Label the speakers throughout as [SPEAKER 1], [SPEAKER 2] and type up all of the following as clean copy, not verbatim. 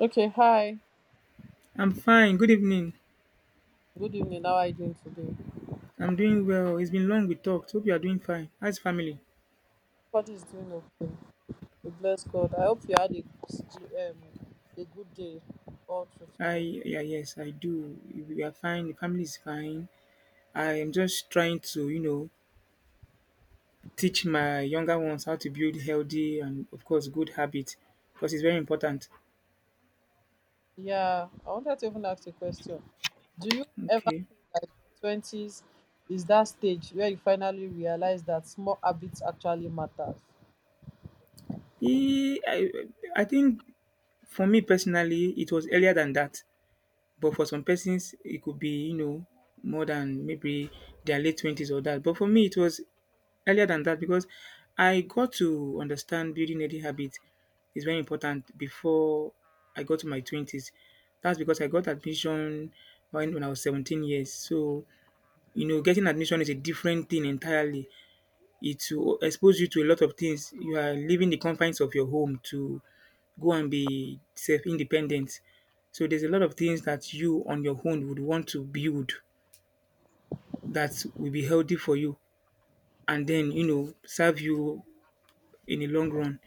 [SPEAKER 1] Okay, hi.
[SPEAKER 2] I'm fine. Good evening.
[SPEAKER 1] Good evening. How are you doing today?
[SPEAKER 2] I'm doing well. It's been long we talked. Hope you are doing fine. How's family?
[SPEAKER 1] Everybody is doing okay. We bless God. I hope you had a good day all through
[SPEAKER 2] I
[SPEAKER 1] today.
[SPEAKER 2] Yeah, yes I do. We are fine. The family is fine. I am just trying to teach my younger ones how to build healthy and of course good habits because it's very important.
[SPEAKER 1] Yeah, I wanted to even ask a question. Do you ever
[SPEAKER 2] Okay.
[SPEAKER 1] feel like your 20s is that stage where you finally realize that small habits actually matter?
[SPEAKER 2] Eh, I, I think for me personally, it was earlier than that. But for some persons, it could be, you know, more than maybe their late 20s or that. But for me, it was earlier than that because I got to understand building healthy habits is very important before I got to my 20s. That's because I got admission when I was 17 years. So, you know, getting admission is a different thing entirely. It will expose you to a lot of things. You are leaving the confines of your home to go and be self independent. So, there's a lot of things that you on your own would want to build that will be healthy for you and then, you know, serve you in the long run.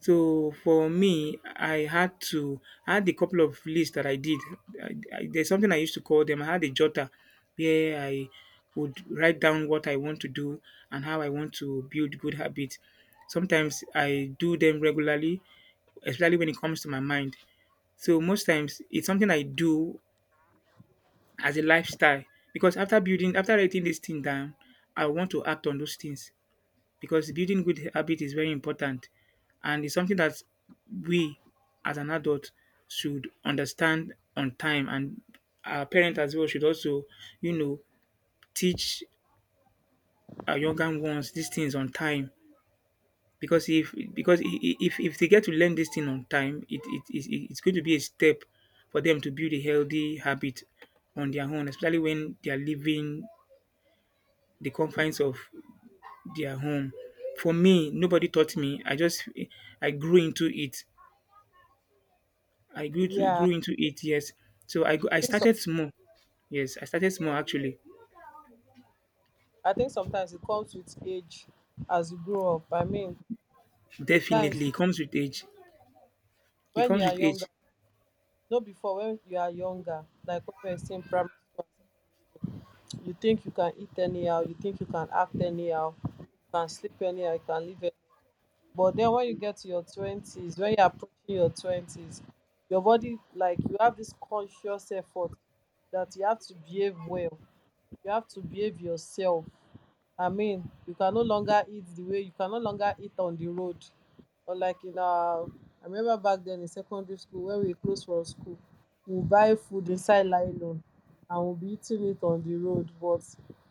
[SPEAKER 2] So, for me, I had a couple of lists that I did. I There's something I used to call them. I had a jotter where I would write down what I want to do and how I want to build good habits. Sometimes I do them regularly, especially when it comes to my mind. So most times it's something I do as a lifestyle because after writing this thing down, I want to act on those things because building good habit is very important and it's something that we as an adult should understand on time and our parents as well should also, you know, teach our younger ones these things on time because if because I- if they get to learn this thing on time it's going to be a step for them to build a healthy habit on their own, especially when they are leaving the confines of their home. For me, nobody taught me. I grew into it. I grew to
[SPEAKER 1] Yeah,
[SPEAKER 2] grew into it. Yes. So
[SPEAKER 1] I
[SPEAKER 2] I
[SPEAKER 1] think so.
[SPEAKER 2] started small. Yes, I started small actually.
[SPEAKER 1] I think sometimes it comes with age as you grow up. I mean, sometimes
[SPEAKER 2] Definitely, it comes with age. It
[SPEAKER 1] when you
[SPEAKER 2] comes
[SPEAKER 1] are
[SPEAKER 2] with
[SPEAKER 1] younger,
[SPEAKER 2] age.
[SPEAKER 1] no, before, when you are younger, like when you are still in primary school and secondary school, you think you can eat anyhow, you think you can act anyhow, you can sleep anyhow, you can live anyhow. But then when you get to your twenties, when you're approaching your twenties, your body, like you have this conscious effort that you have to behave well, you have to behave yourself. Ameen, you can no longer eat the way, you can no longer eat on the road. Unlike in our, I remember back then in secondary school, when we close from school, we would buy food inside nylon and we'll be eating it on the road. But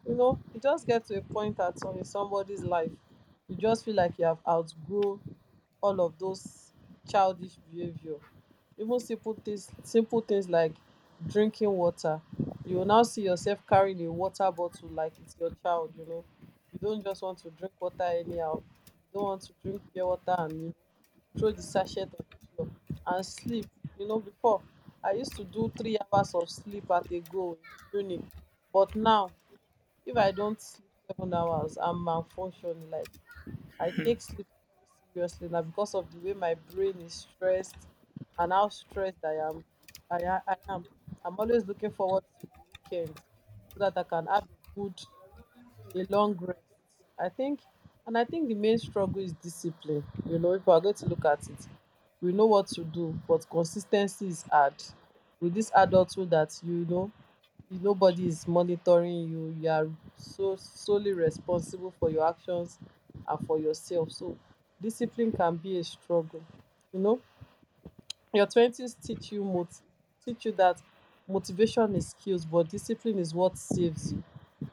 [SPEAKER 1] you know, you just get to a point at some, in somebody's life, you just feel like you have outgrown all of those childish behavior. Even simple things, simple things like drinking water, you will now see yourself carrying a water bottle like it's your child, you know, you don't just want to drink water anyhow, you don't want to drink pure water and, you know, throw the sachet on the floor and sleep. You know, before, I used to do 3 hours of sleep at a go in the uni, but now if I don't sleep 7 hours, I'm malfunctioning. Like, I take sleep very seriously now because of the way my brain is stressed and how stressed I am. I am. I'm always looking forward to the weekend so that I can have a good, a long rest. I think, I think the main struggle is discipline. You know, if we are going to look at it, we know what to do, but consistency is hard. With this adulthood, that you know nobody is monitoring you, you are so solely responsible for your actions and for yourself. So discipline can be a struggle, you know. Your twenties teach you moti teach you that motivation is skills, but discipline is what saves you.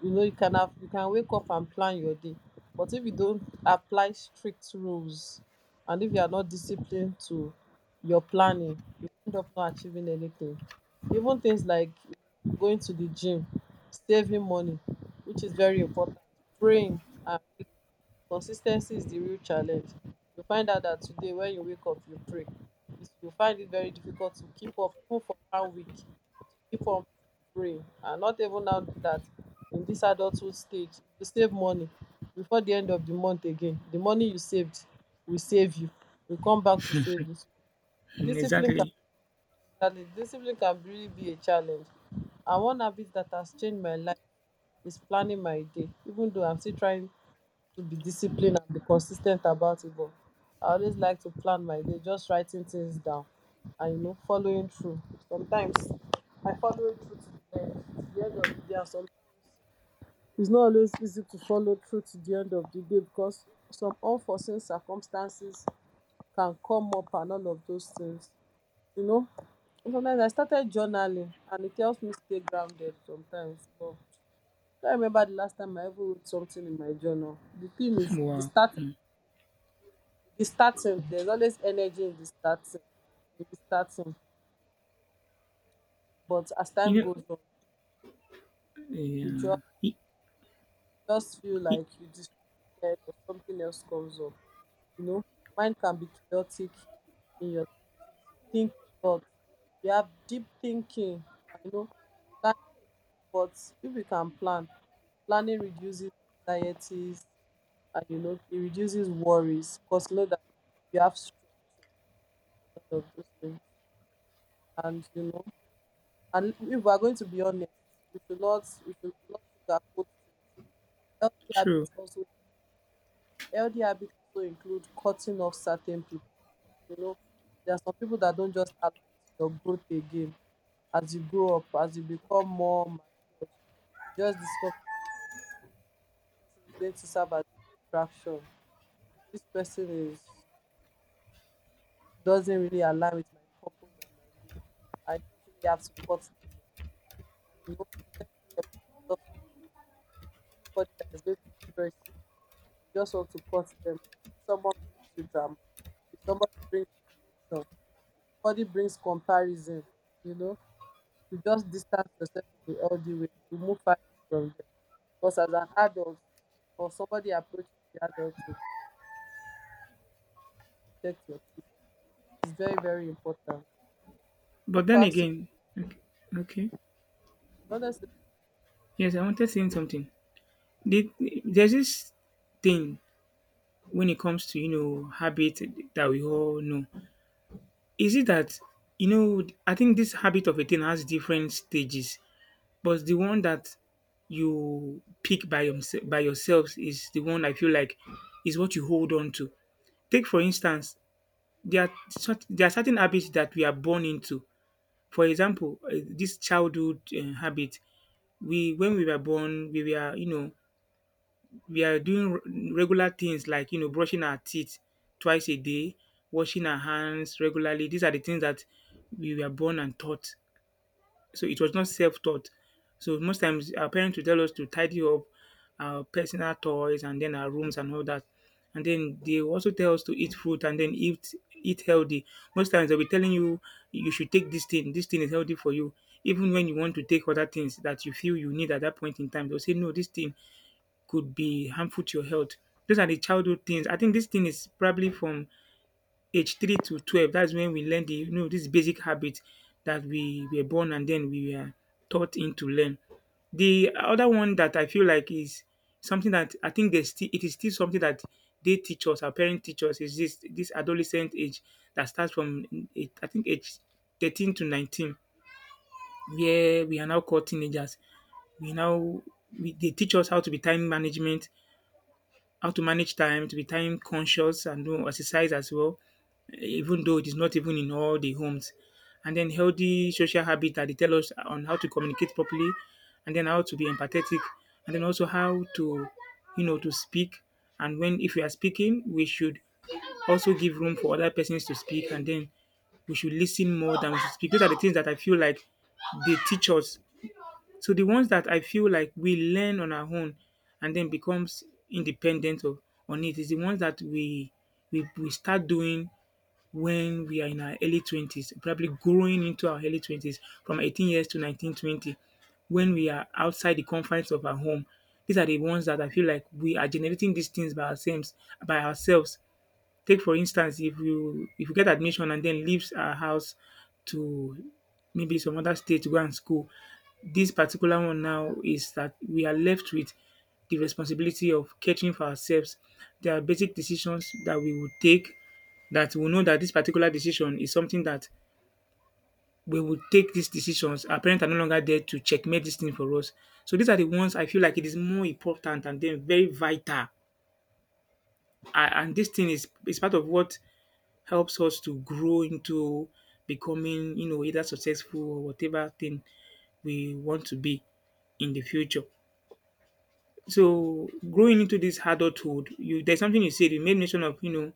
[SPEAKER 1] You know, you can have, you can wake up and plan your day, but if you don't apply strict rules and if you are not disciplined to your planning, you end up not achieving anything. Even things like going to the gym, saving money, which is very important, praying, and consis ten cy is di real challenge. You find out dat today wen you wake up you pray. It's- you find it very difficult to keep up even for one week, to keep on praying, and not even now dat in dis adulthood stage, if you save money before di end of di month again, di money you saved will save you, will come back to save you. So,
[SPEAKER 2] Mm,
[SPEAKER 1] discipline can
[SPEAKER 2] exactly.
[SPEAKER 1] exactly, discipline can really be a challenge. And one habit dat has changed my life is planning my day, even though I'm still trying to be disciplined and be consistent about it, but I always like to plan my day, just writing things down and, you know, following through. Sometimes I follow it through to the end of the day, and sometimes it's not always easy to follow through to the end of the day because some unforeseen circumstances can come up and all of those things, you know. And sometimes I started journaling and it helps me stay grounded sometimes. But I can't remember the last time I ever wrote something in my journal. The thing is,
[SPEAKER 2] Wow. Mm.
[SPEAKER 1] the starting, there's always energy in the starting, in the starting, but as
[SPEAKER 2] You
[SPEAKER 1] time
[SPEAKER 2] know.
[SPEAKER 1] goes on, you
[SPEAKER 2] Yeah.
[SPEAKER 1] just feel
[SPEAKER 2] It,
[SPEAKER 1] like you distracted or something else comes up, you know. Your mind can be chaotic in your twenties. You think a lot, you have deep thinking, you know, planning. But if you can plan, planning reduces anxieties, and you know, it reduces worries because you know that you have structure and all of those things, and you know. And if we are going to be honest, we should not sugarcoat things. Healthy
[SPEAKER 2] true.
[SPEAKER 1] habits also, healthy habits also include cutting off certain people. You know, there are some people that don't just align to your growth again. As you grow up, as you become more mature, you just discover this person is going to serve as distraction. This person is doesn't really align with my purpose and my goal. I just really have to cut them off. And you know, protecting your peace is also an art. Anybody that is going to stress you, you just want to cut them off. If someone brings you drama, if somebody brings you tension, somebody brings comparison, you know, you just distance yourself in the healthy way. You move far away from them. Because as an adult or somebody approaching the adult, to protect your peace, it's very, very important. I want
[SPEAKER 2] But
[SPEAKER 1] to
[SPEAKER 2] then
[SPEAKER 1] ask you,
[SPEAKER 2] again, okay. Okay.
[SPEAKER 1] honestly,
[SPEAKER 2] Yes, I wanted saying something. The, there's this thing when it comes to, you know, habit that we all know. Is it that, you know, I think this habit of a thing has different stages, but the one that you pick by yourself by yourselves is the one I feel like is what you hold on to. Take for instance, there are certain habits that we are born into. For example, this childhood habit. We When we were born, we were, you know, we are doing regular things like, you know, brushing our teeth twice a day, washing our hands regularly. These are the things that we were born and taught. So it was not self-taught. So most times our parents would tell us to tidy up our personal toys and then our rooms and all that. And then they also tell us to eat fruit and then eat healthy. Most times they'll be telling you you should take this thing. This thing is healthy for you. Even when you want to take other things that you feel you need at that point in time, they'll say no, this thing could be harmful to your health. Those are the childhood things. I think this thing is probably from age 3 to 12. That's when we learn the, you know, this basic habit that we were born and then we are taught in to learn. The other one that I feel like is something that I think there's still it is still something that they teach us, our parents teach us, is this adolescent age that starts from eight, I think age 13 to 19, where we are now called teenagers. We now we, they teach us how to be time management, how to manage time, to be time conscious and do exercise as well, even though it is not even in all the homes. And then healthy social habit that they tell us, on how to communicate properly, and then how to be empathetic, and then also how to, you know, to speak. And when if we are speaking, we should also give room for other persons to speak, and then we should listen more than we should speak. Those are the things that I feel like they teach us. So the ones that I feel like we learn on our own and then becomes independent of, on it, is the ones that we start doing when we are in our early 20s, probably growing into our early 20s from 18 years to 19, 20, when we are outside the confines of our home. These are the ones that I feel like we are generating these things by ourselves, by ourselves. Take for instance, if you get admission and then leaves our house to maybe some other state to go and school, this particular one now is that we are left with the responsibility of catering for ourselves. There are basic decisions that we will take that we know that this particular decision is something that we will take these decisions. Our parents are no longer there to checkmate this thing for us. So these are the ones I feel like it is more important and then very vital. Ah, and this thing is part of what helps us to grow into becoming, you know, either successful or whatever thing we want to be in the future. So growing into this adulthood, you there's something you said, you made mention of, you know,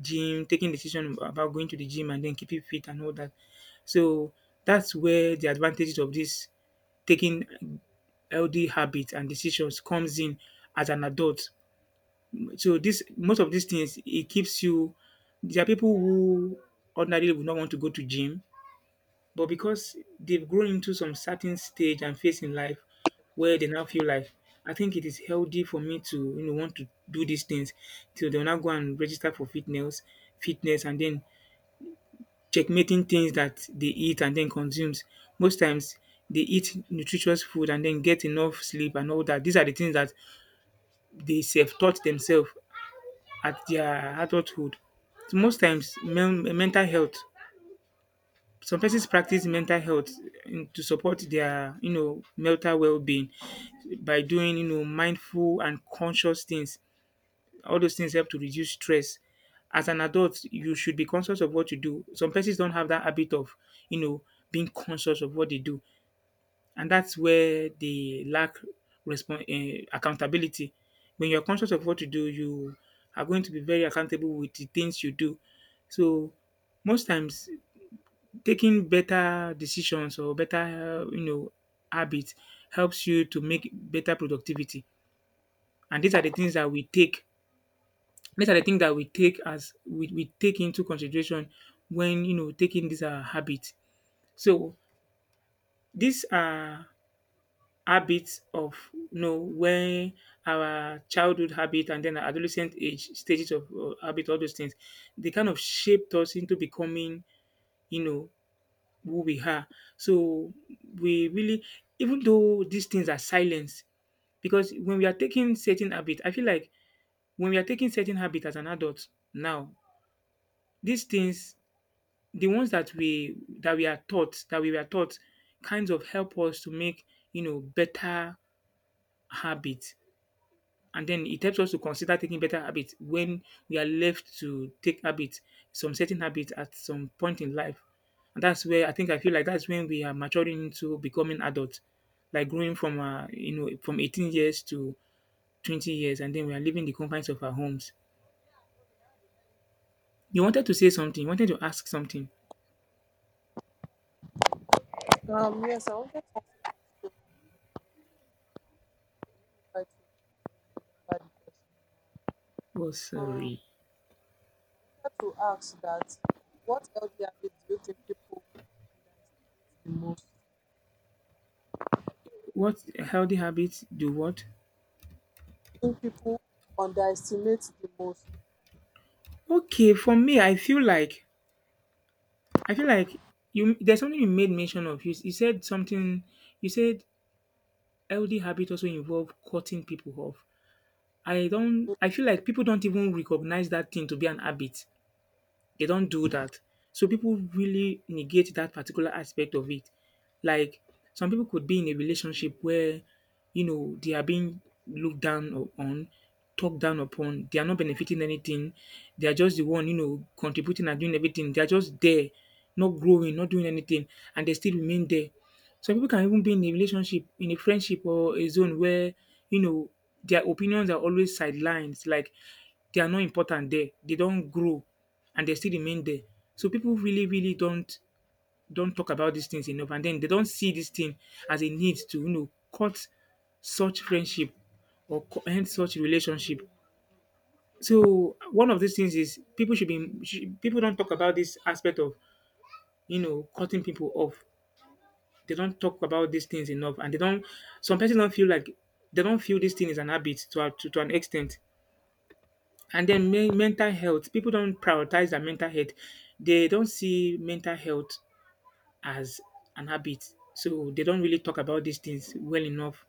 [SPEAKER 2] gym, taking decision about going to the gym and then keeping fit and all that. So that's where the advantages of this taking healthy habits and decisions comes in as an adult. So this, most of these things, it keeps you. There are people who ordinarily would not want to go to gym, but because they've grown into some certain stage and phase in life where they now feel like, I think it is healthy for me to, you know, want to do these things. So they'll now go and register for fitness, and then checkmating things that they eat and then consumes. Most times they eat nutritious food and then get enough sleep and all that. These are the things that they self taught themselves at their adulthood. Most times, mental health. Some persons practice mental health, to support their, you know, mental well-being by doing, you know, mindful and conscious things. All those things help to reduce stress. As an adult, you should be conscious of what you do. Some persons don't have that habit of, you know, being conscious of what they do, and that's where they lack respon, accountability. When you're conscious of what you do, you are going to be very accountable with the things you do. So most times taking better decisions or better, you know, habits helps you to make better productivity. And these are the things that we take as we take into consideration when, you know, taking these habits. So these are habits of, you know, when our childhood habit and then adolescent age stages of habit, all those things they kind of shaped us into becoming, you know, who we are. So we really, even though these things are silenced, because when we are taking certain habit, I feel like when we are taking certain habit as an adult now, these things, the ones that we are taught, that we were taught, kinds of help us to make, you know, better habits. And then it helps us to consider taking better habits when we are left to take habits, some certain habits at some point in life. And that's where I feel like that's when we are maturing into becoming adults, like growing from, you know, from 18 years to 20 years, and then we are leaving the confines of our homes. You wanted to say something. You wanted to ask something.
[SPEAKER 1] yes, I wanted to ask you a question. Let me try to remember the question
[SPEAKER 2] Oh,
[SPEAKER 1] now.
[SPEAKER 2] sorry.
[SPEAKER 1] I wanted to ask that what healthy habit do you think people underestimate the most?
[SPEAKER 2] What healthy habits do what?
[SPEAKER 1] Think people underestimate the most.
[SPEAKER 2] Okay, for me, I feel like, I feel like you. There's something you made mention of. You said something. You said healthy habit also involve cutting people off. I feel like people don't even recognize that thing to be an habit. They don't do that. So people really negate that particular aspect of it. Like some people could be in a relationship where, you know, they are being looked down on, talked down upon, they are not benefiting anything, they are just the one, you know, contributing and doing everything. They are just there, not growing, not doing anything, and they still remain there. Some people can even be in a relationship, in a friendship or a zone where, you know, their opinions are always sidelines, like they are not important there. They don't grow and they still remain there. So people really, really don't talk about these things enough, and then they don't see this thing as a need to, you know, cut such friendship or end such relationship. So one of these things is people should be should, people don't talk about this aspect of, you know, cutting people off. They don't talk about these things enough, and they don't. Some people don't feel like they don't feel this thing is an habit to an extent. And then mental health, people don't prioritize their mental health. They don't see mental health as an habit, so they don't really talk about these things well enough.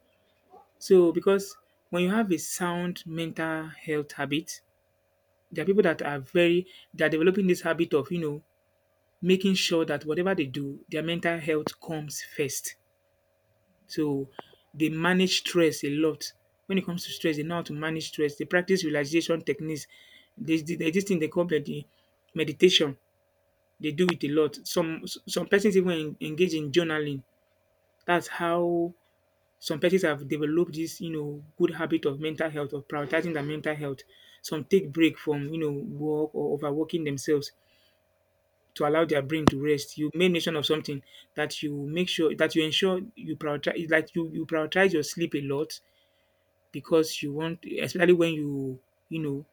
[SPEAKER 2] So because when you have a sound mental health habit, there are people that are very, they are developing this habit of, you know, making sure that whatever they do, their mental health comes first. So they manage stress a lot. When it comes to stress, they know how to manage stress. They practice relaxation techniques. They there's this thing they call the meditation. They do it a lot. Some persons even engage in journaling. That's how some persons have developed this, you know, good habit of mental health, of prioritizing their mental health. Some take break from, you know, work or overworking themselves to allow their brain to rest. You made mention of something that you make sure that you ensure you prioritize, like you prioritize your sleep a lot because you want, especially when you know,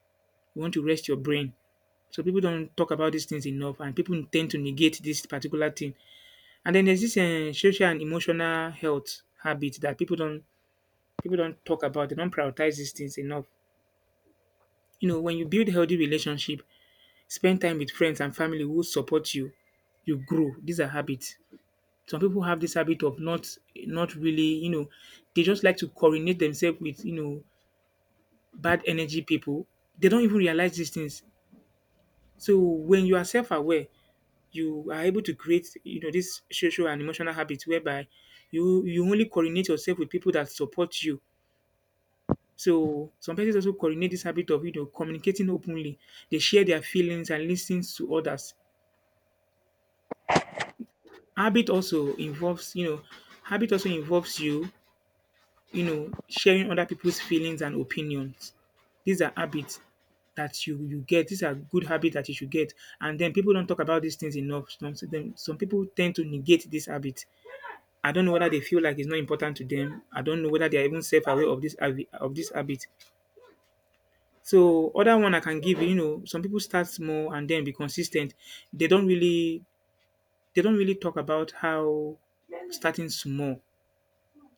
[SPEAKER 2] you want to rest your brain. So people don't talk about these things enough, and people tend to negate this particular thing. And then there's this social and emotional health habit that people don't talk about. They don't prioritize these things enough. You know, when you build healthy relationship, spend time with friends and family who support you, you grow. These are habits. Some people have this habit of not really, you know, they just like to coordinate themselves with, you know, bad energy people. They don't even realize these things. So when you are self-aware, you are able to create, you know, this social and emotional habit whereby you only coordinate yourself with people that support you. So some persons also coordinate this habit of, you know, communicating openly. They share their feelings and listen to others. Habit also involves, you know, habit also involves you, you know, sharing other people's feelings and opinions. These are habits that you get. These are good habits that you should get. And then people don't talk about these things enough. Some people tend to negate this habit. I don't know whether they feel like it's not important to them. I don't know whether they are even self aware of this of this habit. So other one I can give, you know, some people start small and then be consistent. They don't really they don't really talk about how starting small,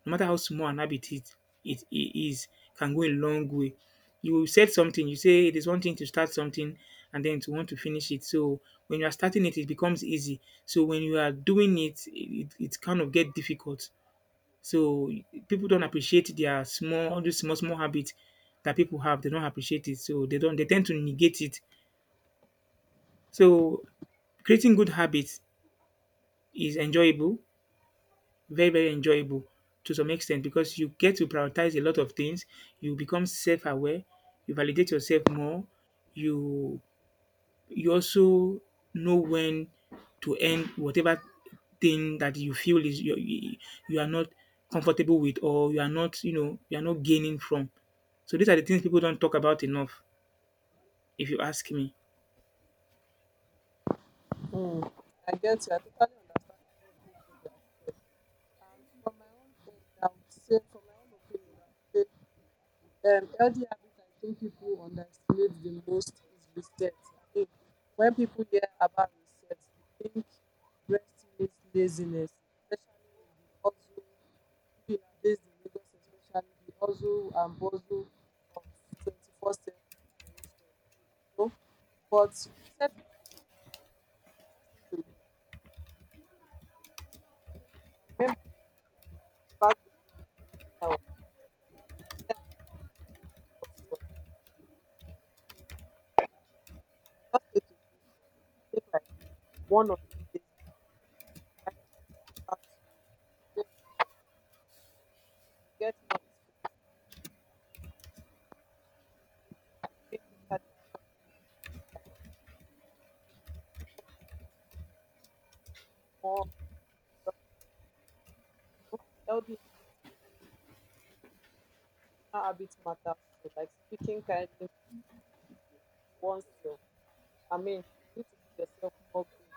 [SPEAKER 2] no matter how small an habit it is, can go a long way. You said something, you say it is one thing to start something and then to want to finish it. So when you are starting it, it becomes easy. So when you are doing it, it kind of get difficult. So people don't appreciate their all these small, small habits that people have. They don't appreciate it. So they don't, they tend to negate it. So creating good habits is enjoyable, very, very enjoyable to some extent because you get to prioritize a lot of things. You become self-aware. You validate yourself more. You you also know when to end whatever thing that you feel is you are not comfortable with, or you are not, you know, you are not gaining from. So these are the things people don't talk about enough, if you ask me.
[SPEAKER 1] Hmm. I get you. I totally understand everything you have said. And from my own end, I would say, from my own opinion, I would say, healthy habit I think people underestimate the most is reset. I mean, when people hear about reset, they think rest means laziness, especially in the hustle, we are based in Lagos, especially the hustle and bustle of 21st century generation. You know? But we said just need to rest. I remember like back then days when I was, anytime I was to understand, I just take a break from it. I take like 1 or 2 days. And by the time I come back to it, I don't know, I will get more inspiration about, I make better decisions when I'm not tired of it. I mean, when I don't feel pressured, more. Healthy habits and personal habits matters too, like speaking kindly to oneself. I mean, you need to give yourself more grace,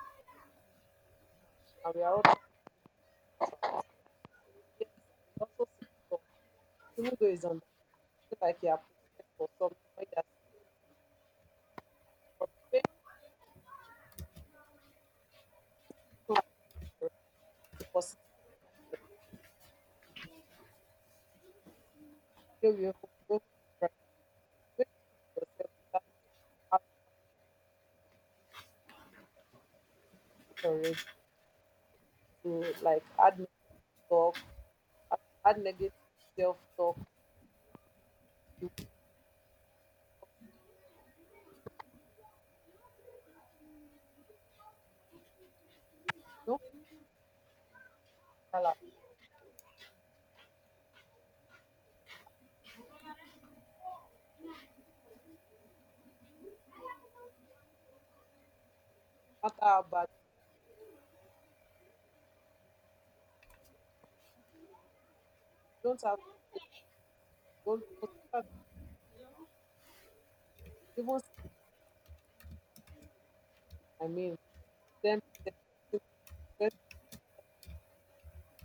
[SPEAKER 1] human, and we are all trying to do that. And yes, I also self-talk. Even though it's on, feel like you are possessed for something when you are, but make life your positive, you will even be brighter. When you speak to yourself, determines how you carry your pressure already. So like add talk, I had negative self talk. You want to talk, don't, no matter how bad, you don't have to, don't, don't even say, I mean, 10%,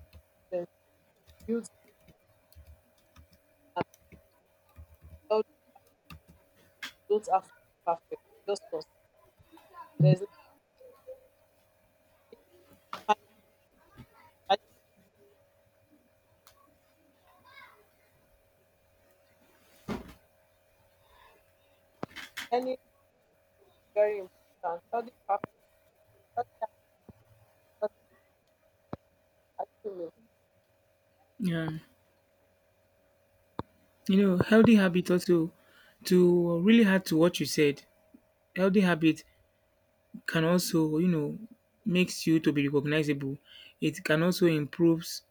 [SPEAKER 1] 20%, build and tell you don't have to be perfect, just because there's no, I, I, learning is very important. Healthy perfect, healthy habits, are you with me?
[SPEAKER 2] Yeah, you know, healthy habit also, to really add to what you said. Healthy habit can also, you know, makes you to be recognizable. It can also improves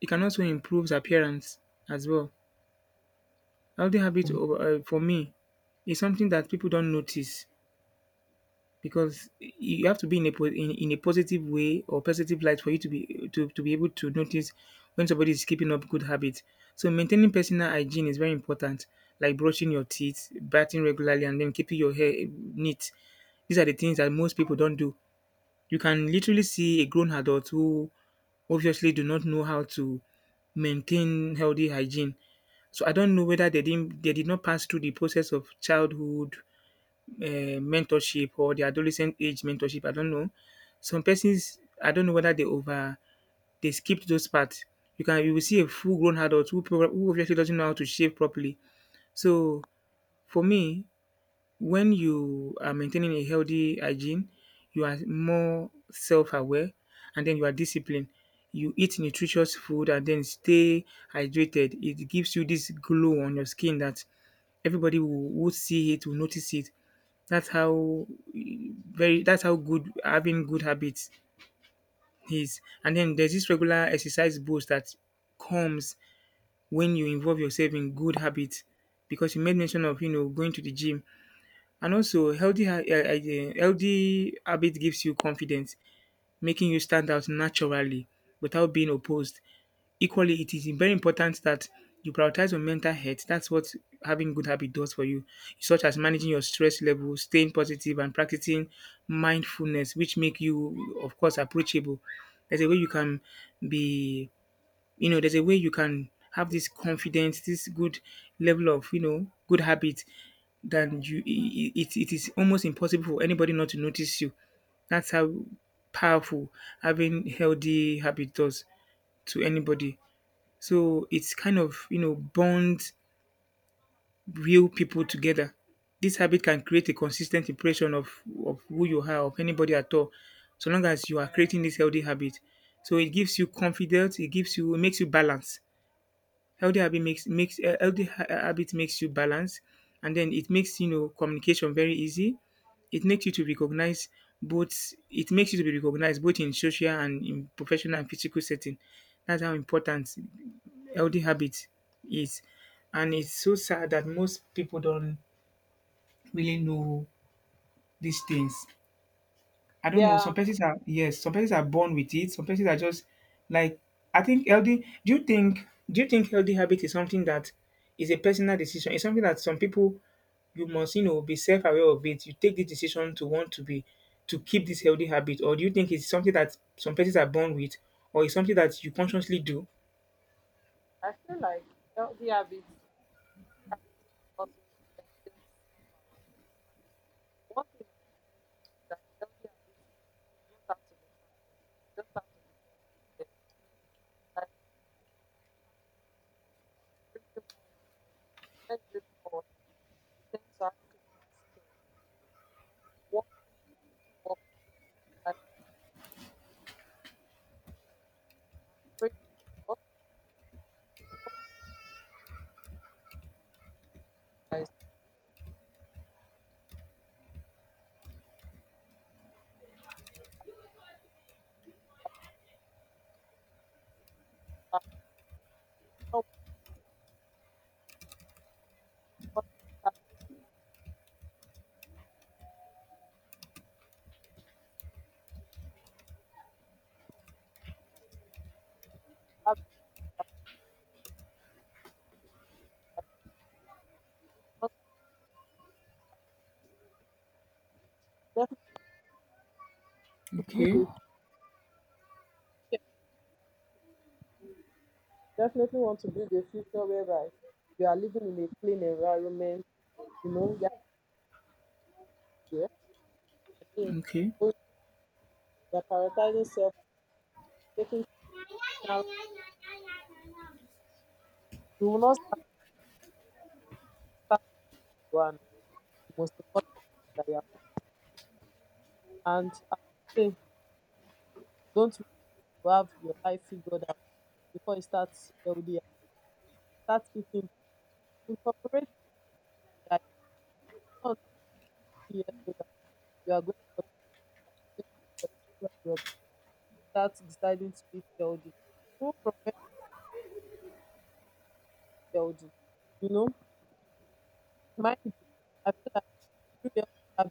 [SPEAKER 2] it can also improves appearance as well. Healthy habit of for me is something that people don't notice because you have to be in a in a positive way or positive light for you to to be able to notice when somebody is keeping up good habits. So maintaining personal hygiene is very important, like brushing your teeth, bathing regularly, and then keeping your hair neat. These are the things that most people don't do. You can literally see a grown adult who obviously do not know how to maintain healthy hygiene. So I don't know whether they did not pass through the process of childhood mentorship or the adolescent age mentorship. I don't know. Some persons, I don't know whether they skipped those parts. You will see a full grown adult who, who obviously doesn't know how to shave properly. So for me, when you are maintaining a healthy hygiene, you are more self-aware, and then you are disciplined. You eat nutritious food and then stay hydrated. It gives you this glow on your skin that will see it, will notice it. That's how very, that's how good having good habits is. And then there's this regular exercise boost that comes when you involve yourself in good habits. Because you made mention of, you know, going to the gym, and also healthy ha- eh, eh, eh, healthy habit gives you confidence, making you stand out naturally without being opposed. Equally, it is very important that you prioritize your mental health. That's what having good habit does for you, such as managing your stress level, staying positive, and practicing mindfulness, which make you, of course, approachable. There's a way you can be, you know, there's a way you can have this confidence, this good level of, you know, good habit, then you it is almost impossible for anybody not to notice you. That's how powerful having healthy habit does to anybody. So it's kind of, you know, bond real people together. This habit can create a consistent impression of who you are, of anybody at all, so long as you are creating this healthy habit. So it gives you confidence, it makes you balance. Healthy habit makes makes healthy ha- eh, habit makes you balance, and then it makes, you know, communication very easy. It makes you to recognize It makes you to be recognized both in social and in professional and physical setting. That's how important healthy habit is, and it's so sad that most people don't really know these things. I don't know.
[SPEAKER 1] Yeah,
[SPEAKER 2] Some persons are born with it. Some persons are just like I think healthy. Do you think healthy habit is something that is a personal decision? It's something that some people you must, you know, be self aware of it. You take the decision to want to be to keep this healthy habit, or do you think it's something that some persons are born with, or it's something that you consciously do?
[SPEAKER 1] I feel like healthy habits, healthy habits also entails self awareness. One thing I am learning is that healthy habits does not have to be perfect. You just have to be consistent. I mean, like, like drinking more water, then drink more water. You tend to have clearer skin, you know. Walking more, taking walk like exercise, taking a just for your head and praying. You overcomes stress and not because have not definitely build
[SPEAKER 2] Okay,
[SPEAKER 1] a future. Definitely want to build a future whereby you are living in a clean environment. You know, yeah, yeah. I
[SPEAKER 2] okay,
[SPEAKER 1] mean, they are prioritizing self and taking now. You will not start until you are, start where you are now. The most important thing is that you have. And I would say don't wait till you have your life figured out before you start LDR. Start eating. Incorporate that. You're not 20 years old and you are going for testing job. Start deciding to eat healthy. Even from when you're healthy, you know, mind you, I feel like you have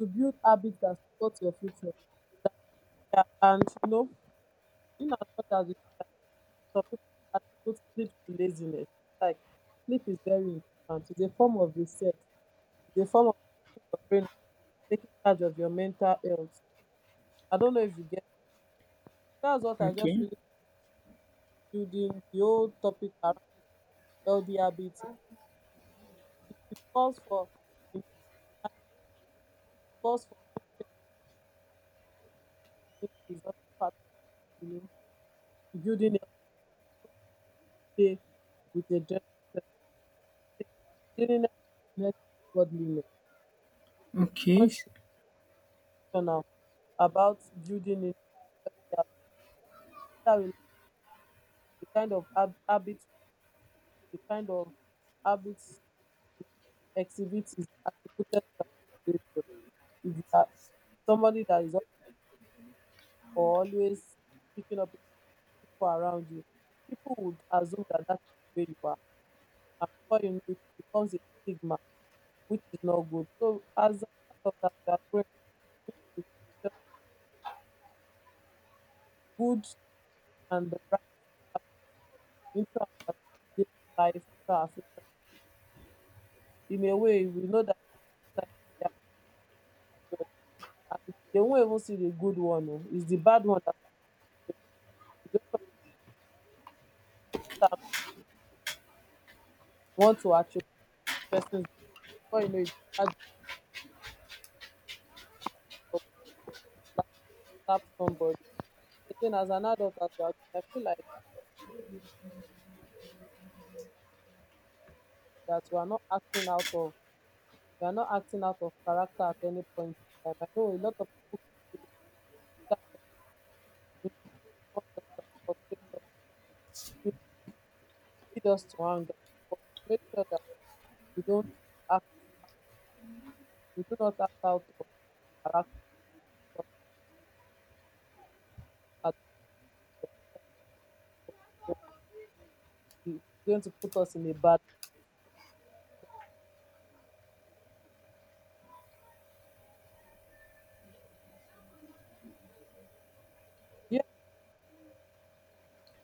[SPEAKER 1] to build habits that support your future. Yeah, and you know, in as much as we, some people attribute sleep to laziness. Like sleep is very important. It's a form of reset. It's a form of resting your brain, and taking charge of your mental health. I don't know if you get. That's what I just
[SPEAKER 2] okay,
[SPEAKER 1] really building the whole topic around healthy. It calls for, it calls for sleep is also part of, you know, building a day with a gentle sense. Cleanliness is next to godliness. It's
[SPEAKER 2] okay.
[SPEAKER 1] constitutional about building it. Whether we like, the kind of hab- habit the kind of habits exhibit is attributed to our behavior. If you are somebody that is always picking up people around you, people would assume that that's the way you are. And before you know it, it becomes a stigma, which is not good. So, as a part of that, we are growing, we good and the right habits into our daily life, into our future. In a way, we know that society, they won't even see the good one. Oh. It's the bad one that you don't sometimes want to actually persons, before you know it, you start to slap, slap somebody. Again, as an adult, as you are doing, I feel like that we are not acting out of character at any point in time. I know a lot of people can, you know, stand on you, not just can frustrate us, you lead us to anger, but to make sure that we don't act, we do not act out of character, because at the end of the day, it's going to put us in a bad.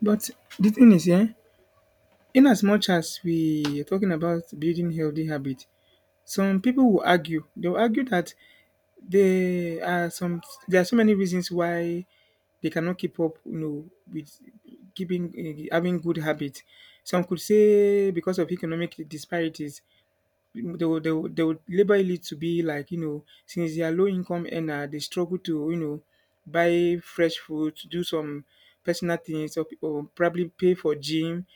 [SPEAKER 2] But the thing is, yeah, in as much as we are talking about building healthy habit, some people will argue. They'll argue that there are some there are so many reasons why they cannot keep up, you know, with keeping having good habits. Some could say because of economic disparities, they would label it to be like, you know, since they are low income, and they struggle to, you know, buy fresh food, to do some personal things, or probably pay for gym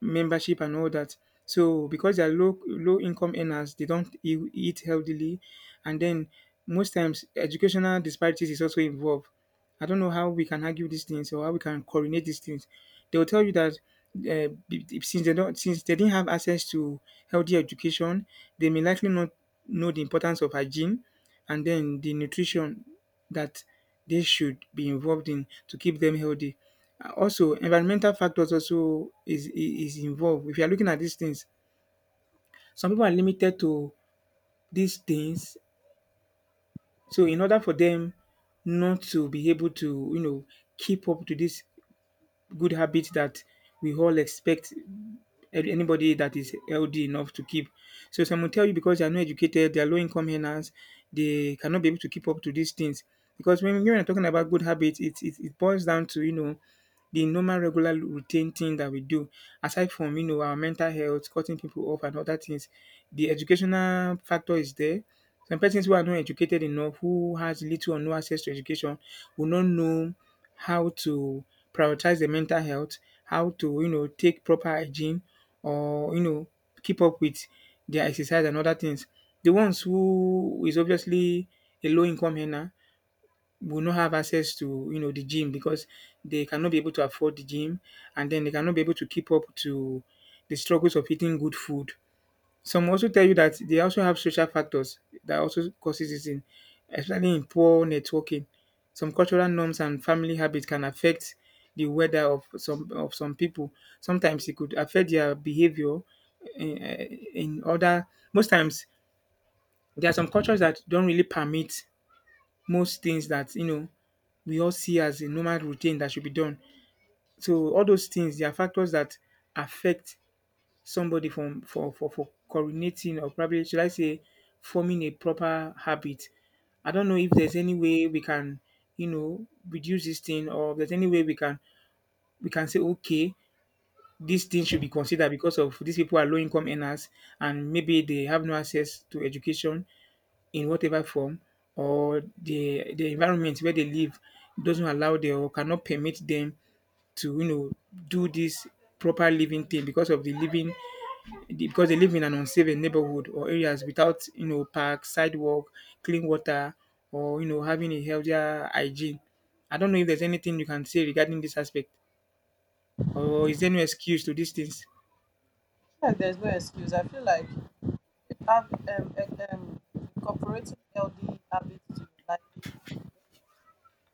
[SPEAKER 2] membership and all that. So because they are low income earners, they don't eat healthily, and then most times educational disparities is also involved. I don't know how we can argue these things or how we can coordinate these things. They will tell you that since they don't, since they didn't have access to healthy education, they may likely not know the importance of hygiene and then the nutrition that they should be involved in to keep them healthy. Also, environmental factors also is involved. If you are looking at these things, some people are limited to these things. So, in order for them not to be able to, you know, keep up to this good habit that we all expect anybody that is healthy enough to keep. So some will tell you because they are not educated, they are low income earners, they cannot be able to keep up to these things. Because when you're talking about good habits, it boils down to, you know, the normal regular routine thing that we do aside from, you know, our mental health, cutting people off and other things. The educational factor is there. Some persons who are not educated enough, who has little or no access to education, will not know how to prioritize their mental health, how to, you know, take proper hygiene, or, you know, keep up with their exercise and other things. The ones who is obviously a low income earner will not have access to, you know, the gym because they cannot be able to afford the gym, and then they cannot be able to keep up to the struggles of eating good food. Some also tell you that they also have social factors that also causes eating, especially in poor networking. Some cultural norms and family habits can affect the weather of some people. Sometimes it could affect their behavior. In, in other, most times there are some cultures that don't really permit most things that, you know, we all see as a normal routine that should be done. So all those things, they are factors that affect somebody from for coordinating, or probably should I say, forming a proper habit. I don't know if there's any way we can, you know, reduce this thing, or if there's any way we can say, okay, this thing should be considered because of these people are low income earners, and maybe they have no access to education in whatever form, or the environment where they live doesn't allow them or cannot permit them to, you know, do this proper living thing because of the living because they live in an unsafe neighborhood or areas without, you know, parks, sidewalk, clean water, or, you know, having a healthier hygiene. I don't know if there's anything you can say regarding this aspect, or is there no excuse to these things?
[SPEAKER 1] Like, there's no excuse. I feel like if you have, incorporating healthy habits to your life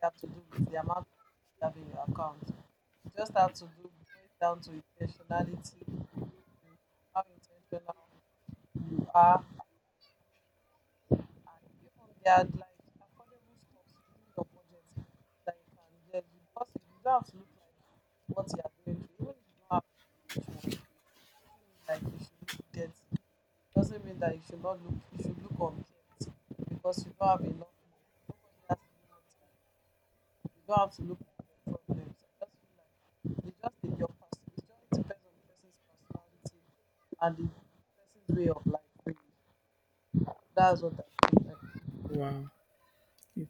[SPEAKER 1] does have to do with the amount you have in your account. You just have to do boil it down to intentionality, you know, how intentional you are, and even there are like affordable stuffs within your budget that you can get. Because if you don't have to look like what you are going through, even if you don't have much money, it doesn't mean like you should look dead doesn't mean that you should not look, you should look unkempt because you don't have enough money. Nobody has to know what you have. You don't have to look like your problems. I just feel like it's just in your person, it just depends on the person's personality and the person's way of life, really. That's what I think. And,
[SPEAKER 2] Wow.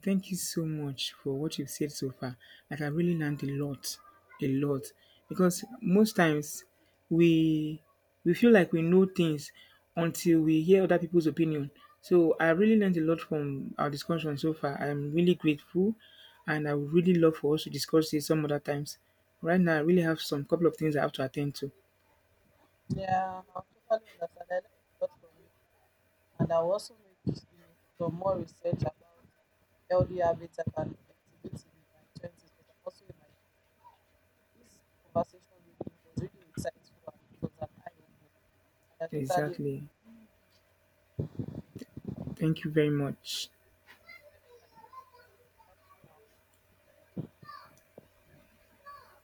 [SPEAKER 2] Thank you so much for what you've said so far. Like I really learned a lot, a lot. Because most times we we feel like we know things until we hear other people's opinion. So I really learned a lot from our discussion so far. I'm really grateful, and I would really love for us to discuss this some other times. Right now I really have some couple of things I have to attend to.
[SPEAKER 1] yeah, I totally understand. I learned a lot from you and I will also make, you know, some more research about healthy habits I can exhibit in my twenties because I'm also in my, this conversation really was really insightful and it was an eye opener. And I totally agree.
[SPEAKER 2] Exactly. Thank you very much.
[SPEAKER 1] Next time,